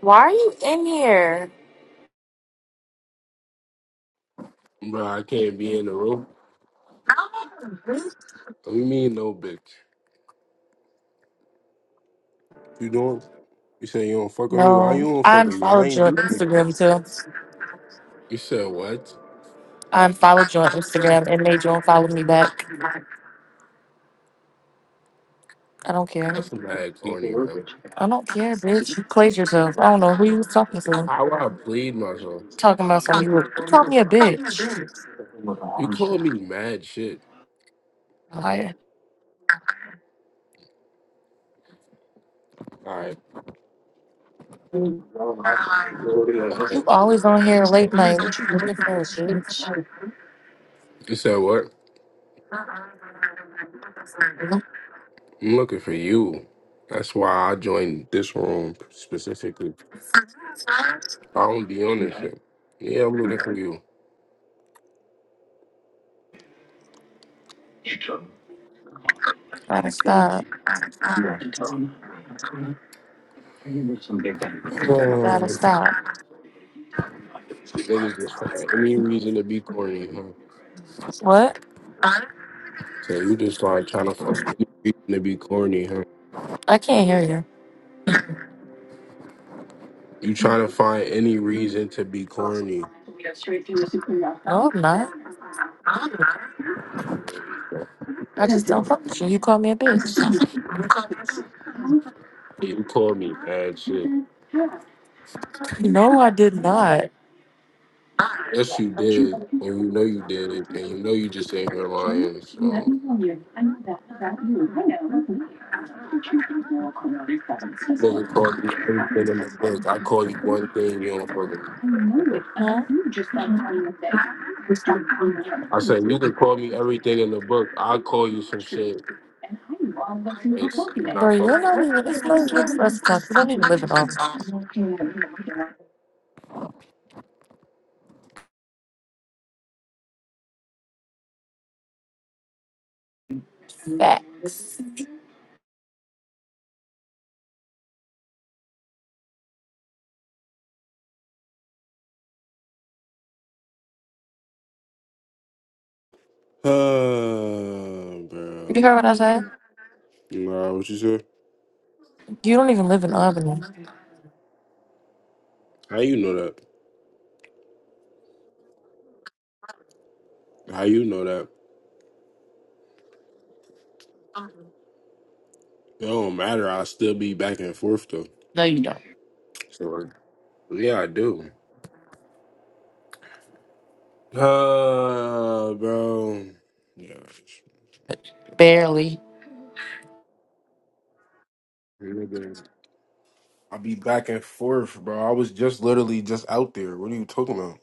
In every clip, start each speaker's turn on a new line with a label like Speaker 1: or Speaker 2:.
Speaker 1: Why are you in here?
Speaker 2: Bro, I can't be in the room. What do you mean, no bitch? You don't? You say you don't fuck with me? Why you
Speaker 1: No,
Speaker 2: don't
Speaker 1: I
Speaker 2: fuck with me? I
Speaker 1: unfollowed
Speaker 2: ain't
Speaker 1: you on
Speaker 2: do shit.
Speaker 1: Instagram too.
Speaker 2: You said what?
Speaker 1: I unfollowed you on Instagram and made you unfollow me back. I don't care.
Speaker 2: That's a bad corny, bro.
Speaker 1: I don't care, bitch. You played yourself. I don't know who you was talking to.
Speaker 2: How would I bleed myself?
Speaker 1: Talking about something. You you called me a bitch.
Speaker 2: You call me mad shit.
Speaker 1: Liar.
Speaker 2: All right.
Speaker 1: You
Speaker 2: All
Speaker 1: always on here late night. What you looking for, bitch?
Speaker 2: right. You said what? I'm looking for you. That's why I joined this room specifically. I don't be on this shit. Yeah, I'm looking for you.
Speaker 1: Gotta stop. Gotta
Speaker 2: Oh,
Speaker 1: stop.
Speaker 2: niggas just find any reason to be corny, huh?
Speaker 1: What?
Speaker 2: So you just find trying to find any reason to be corny, huh?
Speaker 1: I can't hear you.
Speaker 2: You trying to find any reason to be
Speaker 1: No,
Speaker 2: corny.
Speaker 1: I'm not. I just don't function. You call me a bitch.
Speaker 2: You call me bad shit.
Speaker 1: No, I did not.
Speaker 2: Yes, you did, and you know you did it, and you know you just ain't here lying. So nigga called you everything in the book. I call you one thing, you don't fucking. Okay.
Speaker 1: Huh?
Speaker 2: I said you can call me everything in the book. I call you some shit. It's you
Speaker 1: Bro,
Speaker 2: not
Speaker 1: you're
Speaker 2: fucking.
Speaker 1: not even, it's not even for us to talk. You don't even live in Albany. Fat.
Speaker 2: Uh,
Speaker 1: You
Speaker 2: bro.
Speaker 1: heard what I said?
Speaker 2: Nah, what you say?
Speaker 1: You don't even live in Albany.
Speaker 2: How you know that? How you know that? It don't matter. i still be back and forth though.
Speaker 1: No, you don't.
Speaker 2: So like, yeah, I do. Uh, bro. Yeah.
Speaker 1: Barely.
Speaker 2: Nigga, I be back and forth, bro. I was just literally just out there. What are you talking about?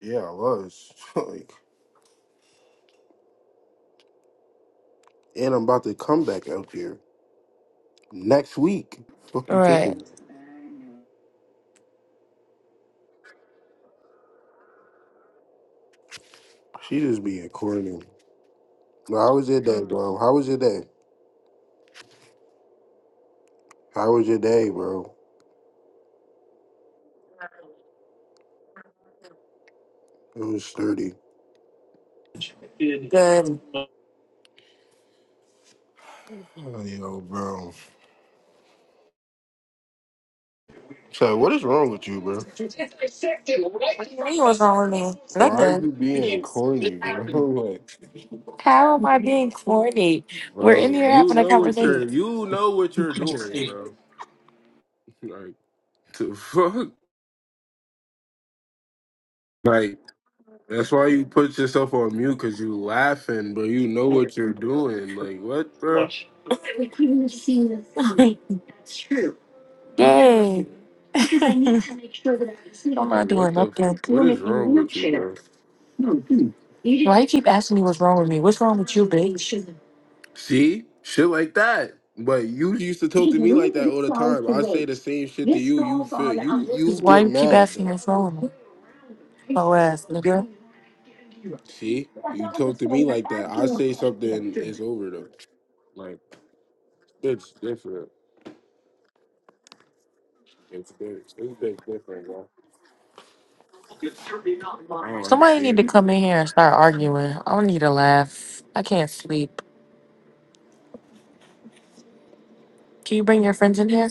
Speaker 2: Yeah, I was. like, and I'm about to come back out there next week. What you talking
Speaker 1: Right.
Speaker 2: about? She just being corny. No, how was your day, bro? How was your day? How was your day, bro? It was sturdy.
Speaker 1: Good.
Speaker 2: Oh, yo, bro. So, what is wrong with you, bro?
Speaker 1: What do you mean what's wrong with me?
Speaker 2: Why are
Speaker 1: Nothing.
Speaker 2: you being corny, bro? like,
Speaker 1: How am I being corny? We're
Speaker 2: bro,
Speaker 1: in here
Speaker 2: you
Speaker 1: having a
Speaker 2: know what
Speaker 1: conversation.
Speaker 2: you're you know what you're doing, bro. Like the fuck. Like that's why you put yourself on mute because you laughing, but you know what you're doing. Like what, bro?
Speaker 1: Yay. I'm
Speaker 2: Like
Speaker 1: not doing
Speaker 2: what the?
Speaker 1: nothing.
Speaker 2: What is wrong with you, bro?
Speaker 1: Why you keep asking me what's wrong with me? What's wrong with you, bitch?
Speaker 2: See shit like that. But you used to talk to me like that all the time. I say the same shit to you. You feel you you
Speaker 1: Because why
Speaker 2: get
Speaker 1: you keep
Speaker 2: mad
Speaker 1: asking me
Speaker 2: though.
Speaker 1: what's wrong with me? Oh, ass, nigga.
Speaker 2: See, you talk to me like that. I say something, it's over though. Like it's different. It's different. It's big different, bro. I don't
Speaker 1: Somebody need to
Speaker 2: understand it,
Speaker 1: come in here and start arguing. I don't need to laugh. I can't sleep. Can you bring your friends in here?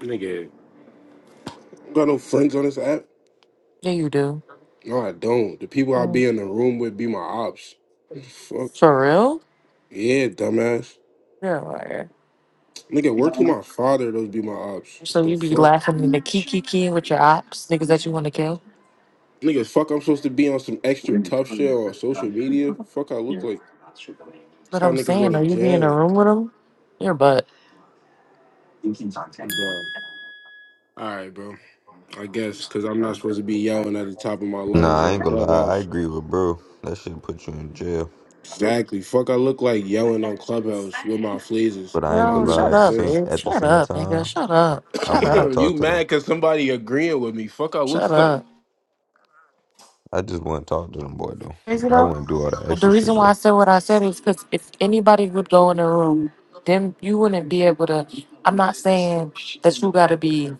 Speaker 2: nigga. I don't got no friends on this app.
Speaker 1: Yeah, you do.
Speaker 2: No, I don't. The people I
Speaker 1: Mm.
Speaker 2: be in the room with be my ops. Fuck
Speaker 1: For real?
Speaker 2: yeah, dumbass.
Speaker 1: Yeah,
Speaker 2: Nigga, work to my father, those be my ops.
Speaker 1: So
Speaker 2: The
Speaker 1: you be
Speaker 2: fuck,
Speaker 1: laughing in the kiki kiki with your ops, niggas that you want to kill.
Speaker 2: nigga. Fuck, I'm supposed to be on some extra tough shit on social media. Fuck, I look like. That's
Speaker 1: But
Speaker 2: how
Speaker 1: I'm
Speaker 2: niggas go
Speaker 1: saying,
Speaker 2: to
Speaker 1: are you be in a
Speaker 2: jail,
Speaker 1: room with them? Your butt.
Speaker 2: bro. All right, bro. I guess because I'm not supposed to be yelling at the top of my lungs
Speaker 3: Nah, I
Speaker 2: on
Speaker 3: ain't gonna lie. I
Speaker 2: Clubhouse.
Speaker 3: agree with bro. That shit put you in jail.
Speaker 2: Exactly. Fuck, I look like yelling on Clubhouse with my fleezes.
Speaker 3: But I ain't
Speaker 2: That don't
Speaker 3: gonna
Speaker 1: Well,
Speaker 2: make no
Speaker 3: lie.
Speaker 1: shut
Speaker 3: At the
Speaker 1: up,
Speaker 3: same
Speaker 2: sense.
Speaker 1: bitch.
Speaker 3: at the
Speaker 1: Shut
Speaker 3: same
Speaker 1: up, nigga.
Speaker 3: time,
Speaker 1: Shut
Speaker 3: I,
Speaker 1: up.
Speaker 3: I
Speaker 1: Shut
Speaker 3: would not
Speaker 1: up.
Speaker 2: you
Speaker 3: talk to
Speaker 2: mad
Speaker 3: them.
Speaker 2: because somebody agreeing with me? Fuck, I
Speaker 1: Shut
Speaker 2: look like.
Speaker 1: up.
Speaker 3: I just wouldn't talk to them boy though.
Speaker 1: Crazy
Speaker 3: But I
Speaker 1: though.
Speaker 3: wouldn't do all that
Speaker 1: Well, the
Speaker 3: extra
Speaker 1: reason
Speaker 3: shit
Speaker 1: why I
Speaker 3: though.
Speaker 1: said what I said is because if anybody would go in a room, then you wouldn't be able to. I'm not saying that you got to be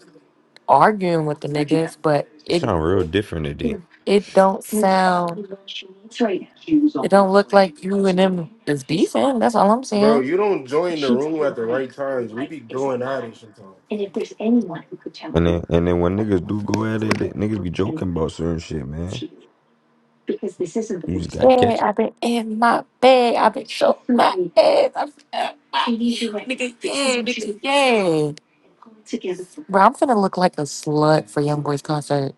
Speaker 1: arguing with the niggas, but
Speaker 3: You
Speaker 1: it
Speaker 3: sound real different today.
Speaker 1: it don't sound. It don't look like you and them is beefing. That's all I'm
Speaker 2: Bro,
Speaker 1: saying.
Speaker 2: you don't join the room at the right times. We be going at it sometimes, bro.
Speaker 3: And then and then when niggas do go at it, they- niggas be joking about certain shit, man. You just gotta
Speaker 1: Yeah,
Speaker 3: catch it.
Speaker 1: I've been in my bed. I've been showing my ass. I've been in my nigga, yeah, nigga, yeah. Bro, I'm finna look like a slut for YoungBoy's concert.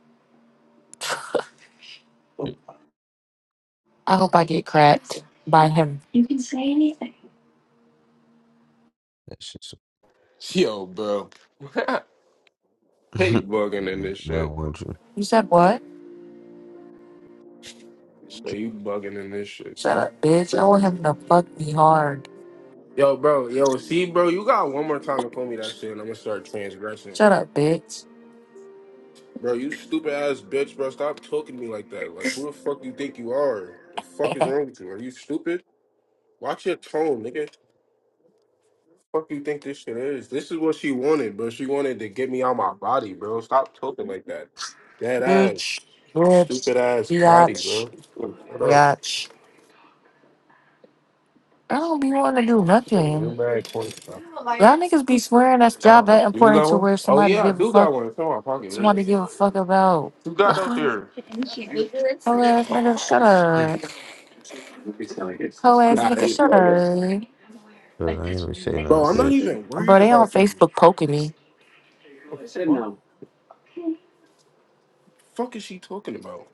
Speaker 1: I hope I get cracked by him.
Speaker 3: That shit. So
Speaker 2: Yo, bro. hey,
Speaker 3: that
Speaker 2: bugging in
Speaker 3: man
Speaker 2: this
Speaker 3: do
Speaker 2: shit.
Speaker 3: not want you.
Speaker 1: You said what?
Speaker 2: So you bugging in this shit.
Speaker 1: Shut up, bitch. I want him to fuck me hard.
Speaker 2: Yo, bro, yo, see, bro, you got one more time to call me that shit, and I'm gonna start transgressing.
Speaker 1: Shut up, bitch.
Speaker 2: Bro, you stupid ass bitch, bro. Stop talking to me like that. Like, who the fuck you think you are? The fuck is wrong with you? Are you stupid? Watch your tone, nigga. Fuck you think this shit is? This is what she wanted, bro. She wanted to get me out my body, bro. Stop talking like that. Dead ass,
Speaker 1: bitch,
Speaker 2: stupid
Speaker 1: bitch,
Speaker 2: ass Cotty,
Speaker 1: biatch,
Speaker 2: bro. Like, shut up.
Speaker 1: biatch. I don't be wanting to do
Speaker 2: Like, you're
Speaker 1: nothing.
Speaker 2: mad corny, bro. You have a
Speaker 1: Y'all
Speaker 2: lighter?
Speaker 1: niggas be swearing that's
Speaker 2: I
Speaker 1: job
Speaker 2: don't know.
Speaker 1: that
Speaker 2: Do you
Speaker 1: important
Speaker 2: got
Speaker 1: to
Speaker 2: one?
Speaker 1: where
Speaker 2: Oh
Speaker 1: somebody
Speaker 2: yeah, I
Speaker 1: give a
Speaker 2: do
Speaker 1: fuck.
Speaker 2: got one. It's in my pocket here.
Speaker 1: Somebody give a fuck about.
Speaker 2: You got
Speaker 1: Ugh.
Speaker 2: out there? Nah,
Speaker 1: Whole ass nigga, shut
Speaker 3: Yeah.
Speaker 1: up. Whole ass nigga,
Speaker 2: they
Speaker 1: shut
Speaker 2: bugging.
Speaker 1: up.
Speaker 3: But I ain't even say nothing,
Speaker 2: Bro, I'm not
Speaker 3: bitch.
Speaker 2: even
Speaker 1: Bro,
Speaker 2: worried
Speaker 1: they on
Speaker 2: about you.
Speaker 1: Facebook poking me.
Speaker 2: What the fuck is she talking about?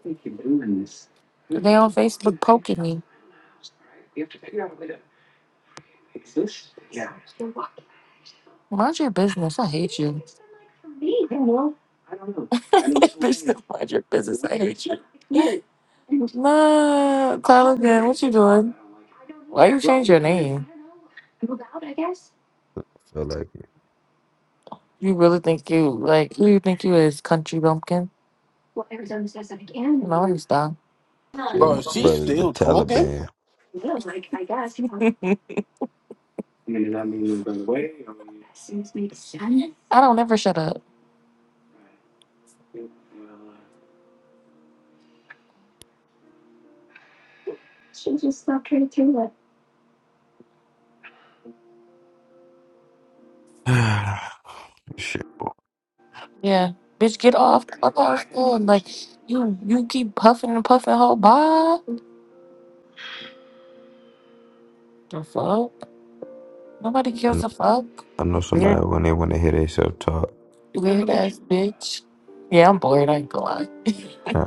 Speaker 1: They on Facebook poking me. Mind your business. I hate you. Bitch, said, Mind your business. I hate you. Nah, Cloud again. What you doing? Why you change your name?
Speaker 3: I feel like it.
Speaker 1: You really think you like who you think you is, country bumpkin? No, I'm done.
Speaker 3: They
Speaker 2: Bro,
Speaker 3: my
Speaker 2: is she
Speaker 3: brother, the
Speaker 2: still talking?
Speaker 3: Taliban.
Speaker 1: I don't ever shut up.
Speaker 3: shit, boy.
Speaker 1: Yeah. Bitch, get off the clubhouse then. Like you you keep puffing and puffing whole bye. The fuck? Nobody gives a fuck.
Speaker 3: I know somebody
Speaker 1: Weird
Speaker 3: when they want to hear they self talk.
Speaker 1: weird ass bitch. Yeah, I'm bored, I ain't gonna lie.
Speaker 3: I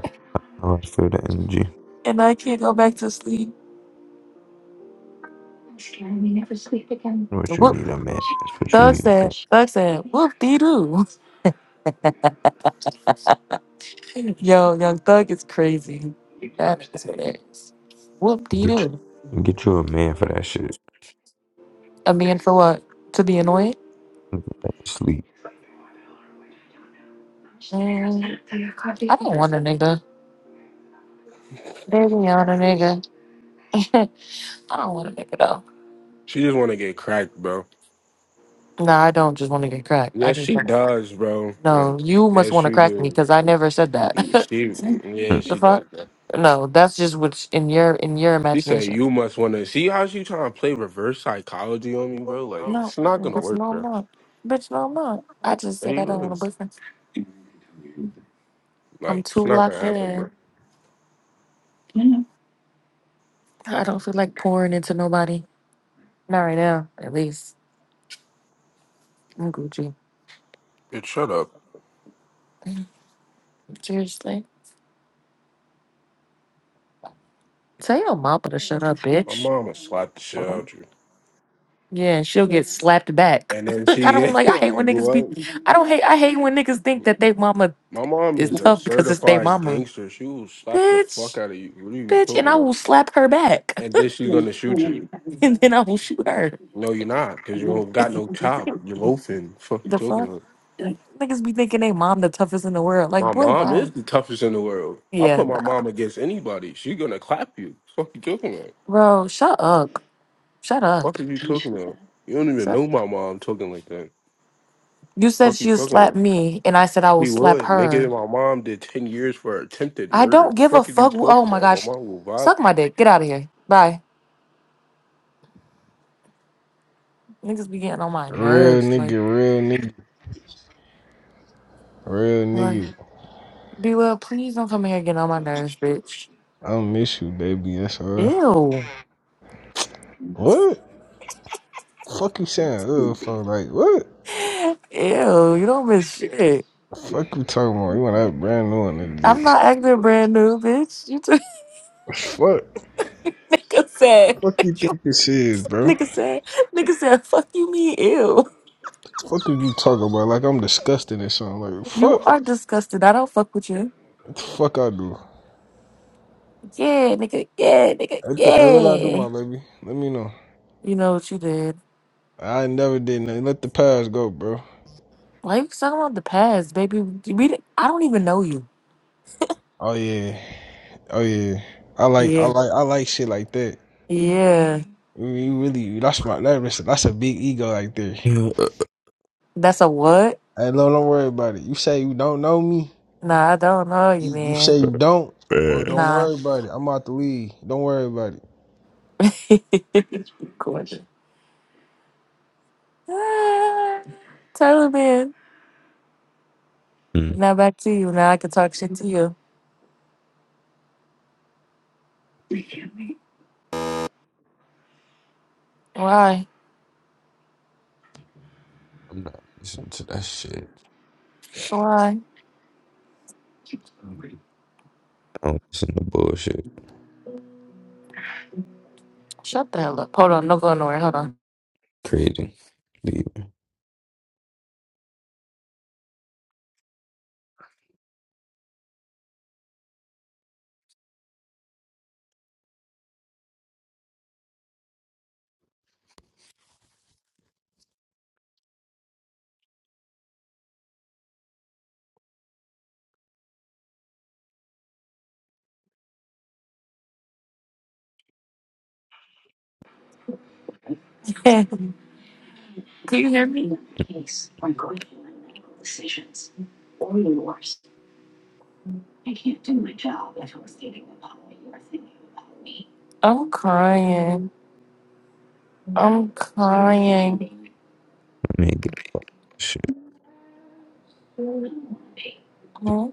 Speaker 3: know I feel the energy.
Speaker 1: And I can't go back to sleep.
Speaker 3: What you
Speaker 1: Whoop
Speaker 3: need a man. That's what you
Speaker 1: Thug
Speaker 3: need a man.
Speaker 1: said, Thug said, whoop dee doo. Yo, young thug is crazy. That is what Whoop dee
Speaker 3: Get
Speaker 1: doo.
Speaker 3: you, get you a man for that shit.
Speaker 1: A man for what? To be annoying?
Speaker 3: Sleep.
Speaker 1: Man, I don't want a nigga. Baby on a nigga. I don't want a nigga though.
Speaker 2: She just want to get cracked, bro.
Speaker 1: No, I don't just want to get cracked. I
Speaker 2: Yes,
Speaker 1: just
Speaker 2: she
Speaker 1: don't. want-
Speaker 2: does, bro.
Speaker 1: No,
Speaker 2: Like,
Speaker 1: you must want
Speaker 2: yes,
Speaker 1: to
Speaker 2: you
Speaker 1: crack me
Speaker 2: do.
Speaker 1: because I never said that.
Speaker 2: She,
Speaker 3: Hmm.
Speaker 2: yeah,
Speaker 1: the
Speaker 2: she does.
Speaker 1: fuck?
Speaker 2: Bro.
Speaker 1: No, that's just what's in your in your
Speaker 2: She said
Speaker 1: imagination.
Speaker 2: you must want to see how she trying to play reverse psychology on me, bro. Like,
Speaker 1: No,
Speaker 2: it's not gonna
Speaker 1: bitch,
Speaker 2: work,
Speaker 1: no, I'm
Speaker 2: bro.
Speaker 1: not. Bitch, no, I'm not. I just
Speaker 2: There
Speaker 1: said I don't
Speaker 2: you
Speaker 1: want a
Speaker 2: is.
Speaker 1: boyfriend. I'm
Speaker 2: Like, it's
Speaker 1: too
Speaker 2: not gonna
Speaker 1: locked
Speaker 2: happen, bro.
Speaker 1: in. I don't feel like pouring into nobody. Not right now, at least. I'm Gucci.
Speaker 2: Bitch, shut up.
Speaker 1: Seriously. Tell your mama to shut up,
Speaker 2: My
Speaker 1: bitch.
Speaker 2: mama slapped the shit out you,
Speaker 1: Yeah, and she'll get Yeah. slapped back.
Speaker 2: and then
Speaker 1: Like, I
Speaker 2: she,
Speaker 1: don't like. I
Speaker 2: yeah,
Speaker 1: hate when
Speaker 2: like
Speaker 1: niggas be.
Speaker 2: what?
Speaker 1: I don't hate. I hate when niggas think that they mama
Speaker 2: My mom
Speaker 1: is
Speaker 2: is a
Speaker 1: tough because it's their
Speaker 2: certified
Speaker 1: mama.
Speaker 2: gangster. She will slap the fuck
Speaker 1: Bitch,
Speaker 2: out of you. What are you
Speaker 1: bitch, and
Speaker 2: talking
Speaker 1: I
Speaker 2: about?
Speaker 1: will slap her back,
Speaker 2: And then she's gonna shoot you.
Speaker 1: and then I will shoot her.
Speaker 2: No, you're not, because you don't got no chop. You're loafing. Fuck you
Speaker 1: The
Speaker 2: talking
Speaker 1: fuck,
Speaker 2: about.
Speaker 1: niggas be thinking they mom the toughest in the world. Like,
Speaker 2: My
Speaker 1: boy,
Speaker 2: mom is
Speaker 1: bro.
Speaker 2: the toughest in the world. I'll
Speaker 1: Yeah,
Speaker 2: put my
Speaker 1: nah.
Speaker 2: mom against anybody. She gonna clap you. Fuck you talking about.
Speaker 1: bro. Shut up. Shut
Speaker 2: Fuck
Speaker 1: up.
Speaker 2: are you talking about? You don't even
Speaker 1: Shut.
Speaker 2: know my mom talking like that.
Speaker 1: You said
Speaker 2: Fuck you
Speaker 1: she'll
Speaker 2: talking
Speaker 1: slap
Speaker 2: about.
Speaker 1: me, and I said I will
Speaker 2: She
Speaker 1: slap
Speaker 2: would. Nigga,
Speaker 1: her.
Speaker 2: my mom did ten years for attempted
Speaker 1: I
Speaker 2: murder.
Speaker 1: don't give a
Speaker 2: Fuck are you
Speaker 1: fuck. Oh
Speaker 2: talking
Speaker 1: my
Speaker 2: about? My
Speaker 1: gosh,
Speaker 2: mom will violate.
Speaker 1: suck my dick. Get out of here. Bye. Niggas be getting on my
Speaker 4: Real
Speaker 1: nerves. Like,
Speaker 4: nigga, real nigga, real
Speaker 1: like.
Speaker 4: nigga.
Speaker 1: Be well, please don't come here getting on my nerves, bitch.
Speaker 4: I don't miss you, baby. That's all.
Speaker 1: Ew.
Speaker 4: What? Fuck you saying ugh for? Like what?
Speaker 1: Ew, you don't miss shit.
Speaker 4: Fuck you talking about? You want that brand new one,
Speaker 1: I'm
Speaker 4: this
Speaker 1: not acting brand new, bitch. You took
Speaker 4: bitch? Fuck.
Speaker 1: nigga said.
Speaker 4: Fuck you
Speaker 1: You
Speaker 4: think this is, bro?
Speaker 1: nigga said. Nigga said, fuck you me, ew.
Speaker 4: Fuck are you talking about? Like I'm disgusting or something. Like
Speaker 1: You
Speaker 4: fuck.
Speaker 1: are disgusted. I don't fuck with you.
Speaker 4: What the fuck I do?
Speaker 1: Yeah, nigga, yeah, nigga,
Speaker 4: What, the, hey, what I do,
Speaker 1: yeah.
Speaker 4: my baby? Let me know.
Speaker 1: You know what you did.
Speaker 4: I never did nothing. Let the past go, bro.
Speaker 1: Why you talking about the past, baby? We didn't, I don't even know you.
Speaker 4: Oh yeah. Oh yeah. I like I
Speaker 1: Yeah.
Speaker 4: like I like shit like that.
Speaker 1: Yeah.
Speaker 4: You really that's my that is- a big ego right there.
Speaker 1: That's a what?
Speaker 4: Hey, no, don't worry about it. You say you don't know me.
Speaker 1: Nah, I don't know you,
Speaker 4: You you say
Speaker 1: man.
Speaker 4: you don't, or
Speaker 3: Yeah.
Speaker 4: don't
Speaker 1: Nah.
Speaker 4: worry about it. I'm out the league. Don't worry about it.
Speaker 1: Ah, Tyler, man.
Speaker 3: Hmm.
Speaker 1: Now back to you. Now I can talk shit to you. Why?
Speaker 3: I'm not listening to that shit.
Speaker 1: Why?
Speaker 3: I don't listen to bullshit.
Speaker 1: Shut the hell up. Hold on. No going nowhere. Hold on.
Speaker 3: Crazy. Leave.
Speaker 1: can you hear me? I'm crying. I'm crying.
Speaker 3: I mean, get the fuck. Shit.
Speaker 1: Huh?